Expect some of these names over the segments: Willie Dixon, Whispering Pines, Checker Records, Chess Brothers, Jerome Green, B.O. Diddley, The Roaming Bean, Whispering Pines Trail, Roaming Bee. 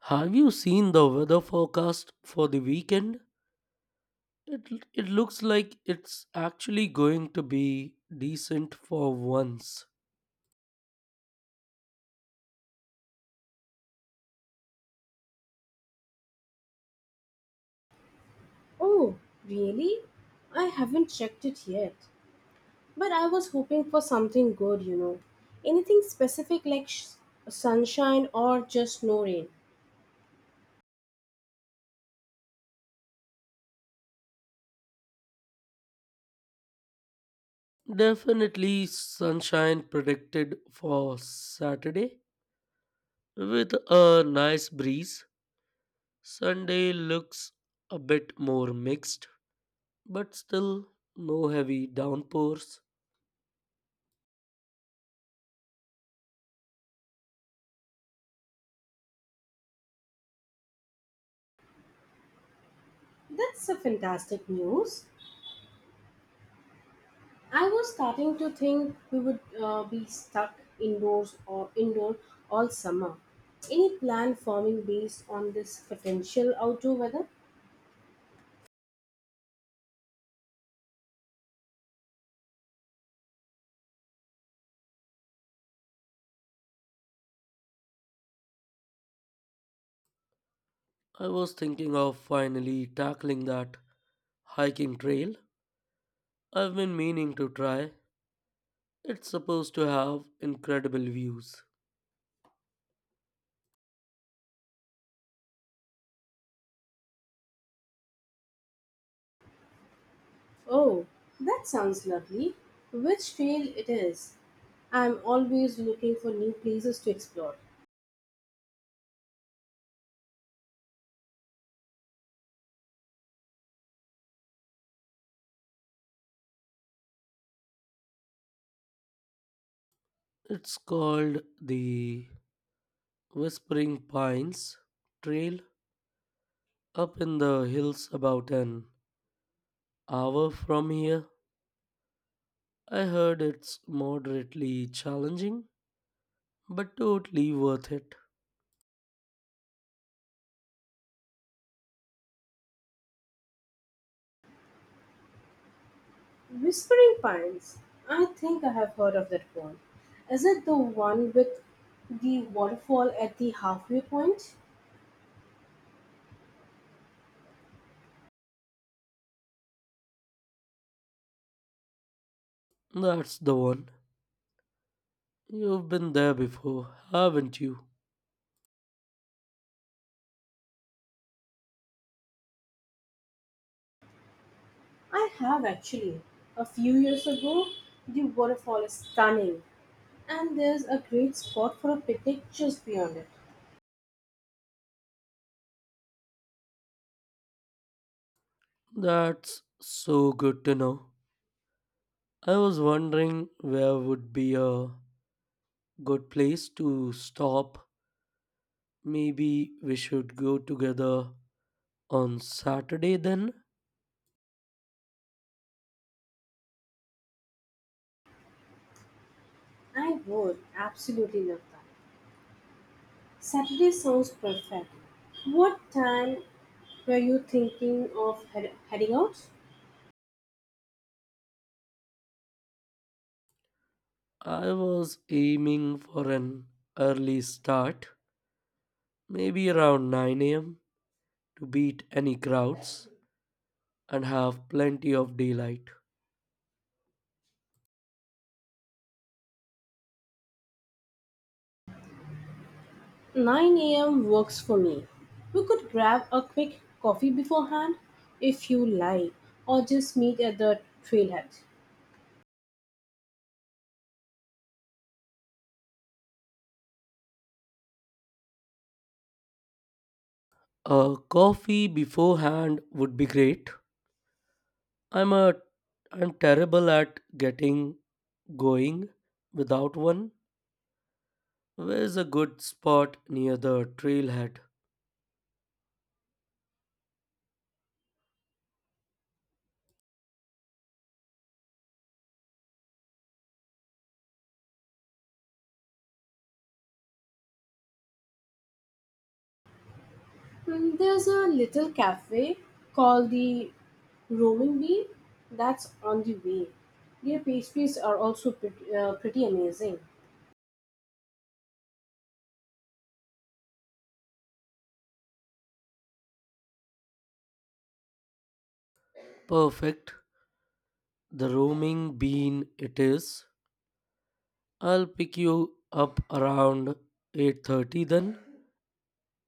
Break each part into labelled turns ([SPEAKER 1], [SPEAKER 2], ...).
[SPEAKER 1] Have you seen the weather forecast for the weekend? It looks like it's actually going to be decent for once.
[SPEAKER 2] Oh, really? I haven't checked it yet. But I was hoping for something good, you know. Anything specific like sunshine or just no rain.
[SPEAKER 1] Definitely sunshine predicted for Saturday with a nice breeze. Sunday looks a bit more mixed, but still no heavy downpours.
[SPEAKER 2] That's a fantastic news. I was starting to think we would be stuck indoors or indoor all summer. Any plan forming based on this potential outdoor weather?
[SPEAKER 1] I was thinking of finally tackling that hiking trail I've been meaning to try. It's supposed to have incredible views.
[SPEAKER 2] Oh, that sounds lovely. Which trail it is? I'm always looking for new places to explore.
[SPEAKER 1] It's called the Whispering Pines Trail up in the hills about an hour from here. I heard it's moderately challenging, but totally worth it.
[SPEAKER 2] Whispering Pines. I think I have heard of that one. Is it the one with the waterfall at the halfway point?
[SPEAKER 1] That's the one. You've been there before, haven't you?
[SPEAKER 2] I have actually. A few years ago, the waterfall is stunning, and there's a great spot for a picnic just beyond it.
[SPEAKER 1] That's so good to know. I was wondering where would be a good place to stop. Maybe we should go together on Saturday, then.
[SPEAKER 2] I would absolutely love that. Saturday sounds perfect. What time were you thinking of heading out?
[SPEAKER 1] I was aiming for an early start, maybe around 9 a.m., to beat any crowds and have plenty of daylight.
[SPEAKER 2] 9 a.m. works for me. We could grab a quick coffee beforehand if you like, or just meet at the trailhead.
[SPEAKER 1] A coffee beforehand would be great. I'm a I'm terrible at getting going without one. Where's a good spot near the trailhead?
[SPEAKER 2] Mm, there's a little cafe called the Roaming Bee that's on the way. Their pastries are also pretty amazing.
[SPEAKER 1] Perfect. The roaming bean it is. I'll pick you up around 8:30 then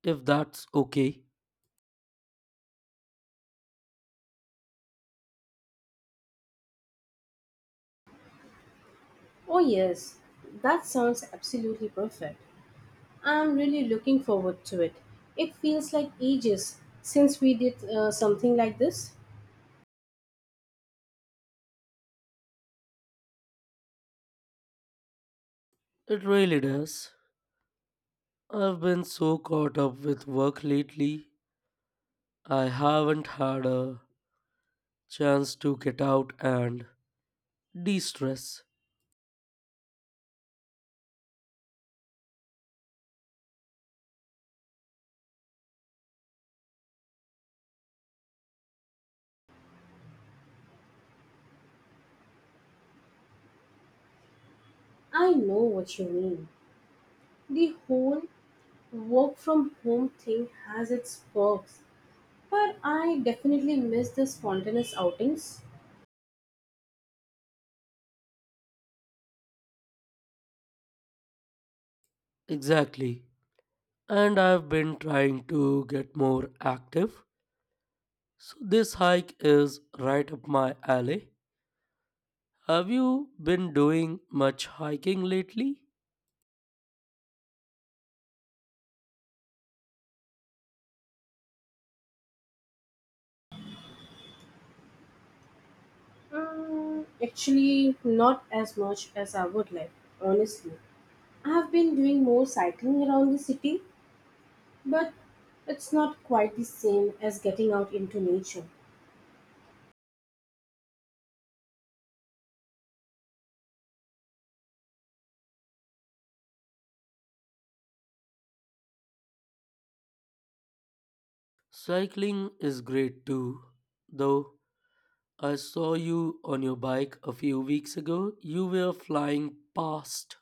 [SPEAKER 1] if that's okay.
[SPEAKER 2] Oh, yes, that sounds absolutely perfect. I'm really looking forward to it. It feels like ages since we did something like this.
[SPEAKER 1] It really does. I've been so caught up with work lately. I haven't had a chance to get out and de-stress.
[SPEAKER 2] I know what you mean. The whole work from home thing has its perks, but I definitely miss the spontaneous outings.
[SPEAKER 1] Exactly. And I've been trying to get more active, so this hike is right up my alley. Have you been doing much hiking lately?
[SPEAKER 2] Mm, actually, not as much as I would like, honestly. I have been doing more cycling around the city, but it's not quite the same as getting out into nature.
[SPEAKER 1] Cycling is great too, though I saw you on your bike a few weeks ago. You were flying past.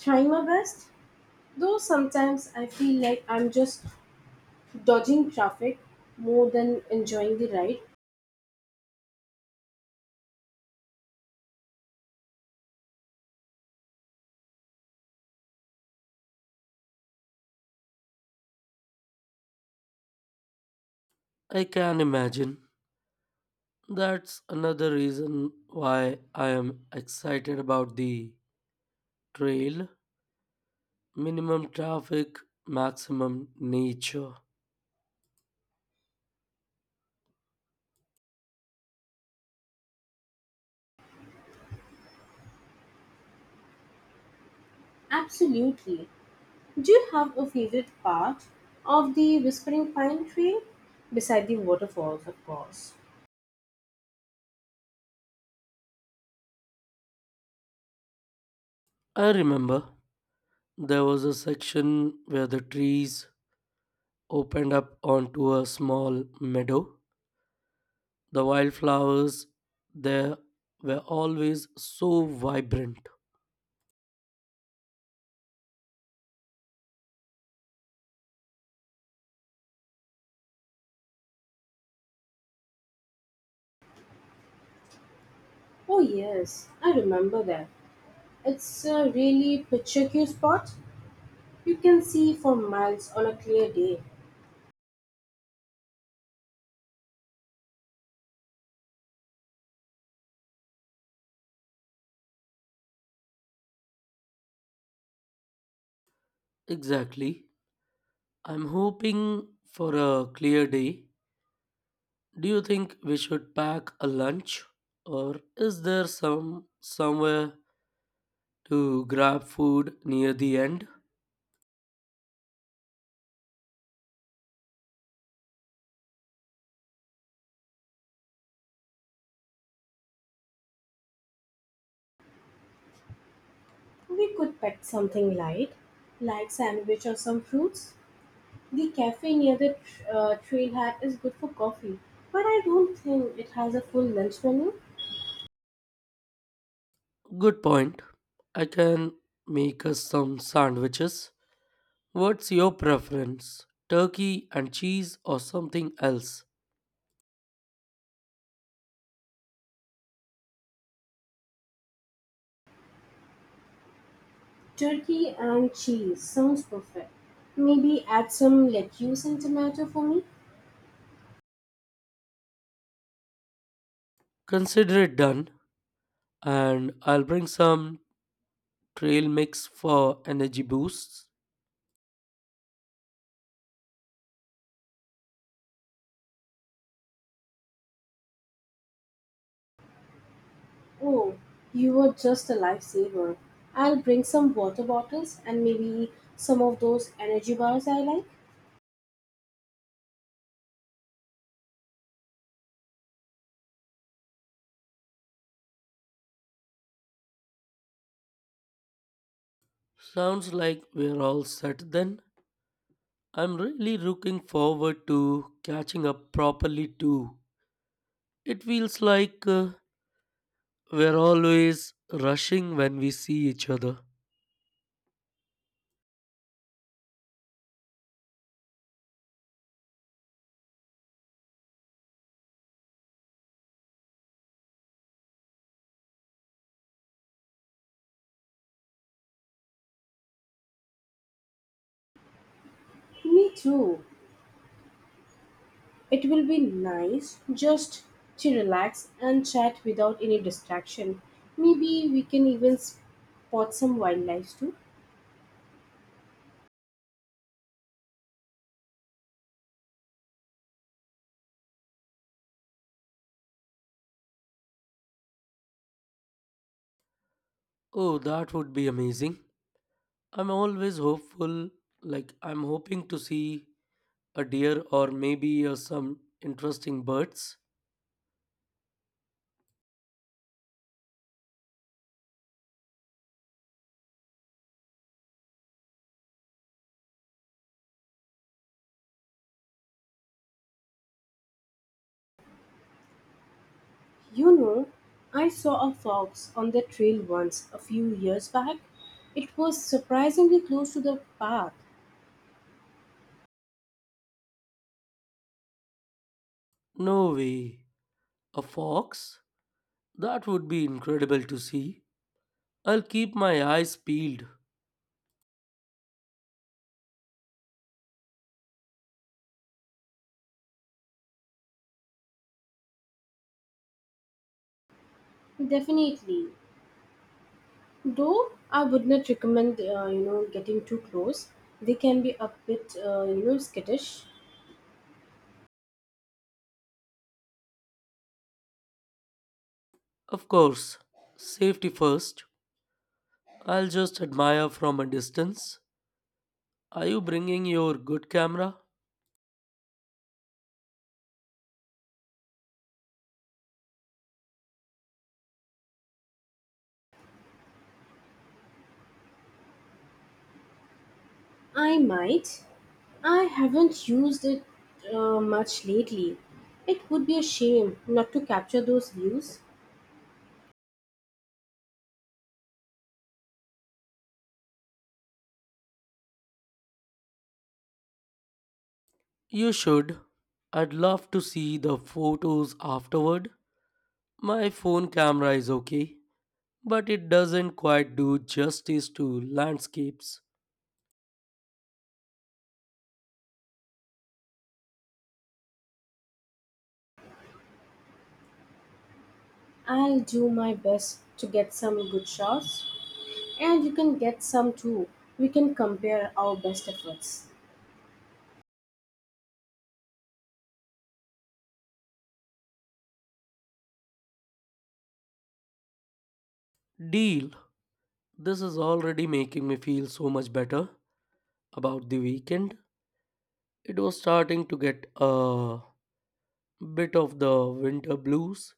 [SPEAKER 2] Trying my best, though sometimes I feel like I'm just dodging traffic more than enjoying the ride.
[SPEAKER 1] I can imagine. That's another reason why I am excited about the trail. Minimum traffic, maximum nature.
[SPEAKER 2] Absolutely. Do you have a favorite part of the Whispering Pine Trail? Beside the waterfalls, of course.
[SPEAKER 1] I remember there was a section where the trees opened up onto a small meadow. The wildflowers there were always so vibrant.
[SPEAKER 2] Oh, yes, I remember that. It's a really picturesque spot. You can see for miles on a clear day.
[SPEAKER 1] Exactly. I'm hoping for a clear day. Do you think we should pack a lunch or is there somewhere to grab food near the end?
[SPEAKER 2] We could pack something light, like sandwich or some fruits. The cafe near the trailhead is good for coffee, but I don't think it has a full lunch menu.
[SPEAKER 1] Good point. I can make us some sandwiches. What's your preference? Turkey and cheese or something else?
[SPEAKER 2] Turkey and cheese sounds perfect. Maybe add some lettuce and tomato for me.
[SPEAKER 1] Consider it done, and I'll bring some trail mix for energy boosts.
[SPEAKER 2] Oh, you were just a lifesaver. I'll bring some water bottles and maybe some of those energy bars I like.
[SPEAKER 1] Sounds like we're all set then. I'm really looking forward to catching up properly too. It feels like we're always rushing when we see each other.
[SPEAKER 2] Me too. It will be nice just to relax and chat without any distraction. Maybe we can even spot some wildlife too.
[SPEAKER 1] Oh, that would be amazing. I'm always hopeful, like, I'm hoping to see a deer or maybe some interesting birds.
[SPEAKER 2] You know, I saw a fox on the trail once a few years back. It was surprisingly close to the path.
[SPEAKER 1] No way. A fox? That would be incredible to see. I'll keep my eyes peeled.
[SPEAKER 2] Definitely, though I would not recommend getting too close. They can be a bit skittish.
[SPEAKER 1] Of course, safety first. I'll just admire from a distance. Are you bringing your good camera?
[SPEAKER 2] I might. I haven't used it much lately. It would be a shame not to capture those views.
[SPEAKER 1] You should. I'd love to see the photos afterward. My phone camera is okay, but it doesn't quite do justice to landscapes.
[SPEAKER 2] I'll do my best to get some good shots, and you can get some too. We can compare our best efforts.
[SPEAKER 1] Deal. This is already making me feel so much better about the weekend. It was starting to get a bit of the winter blues,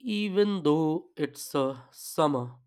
[SPEAKER 1] even though it's summer.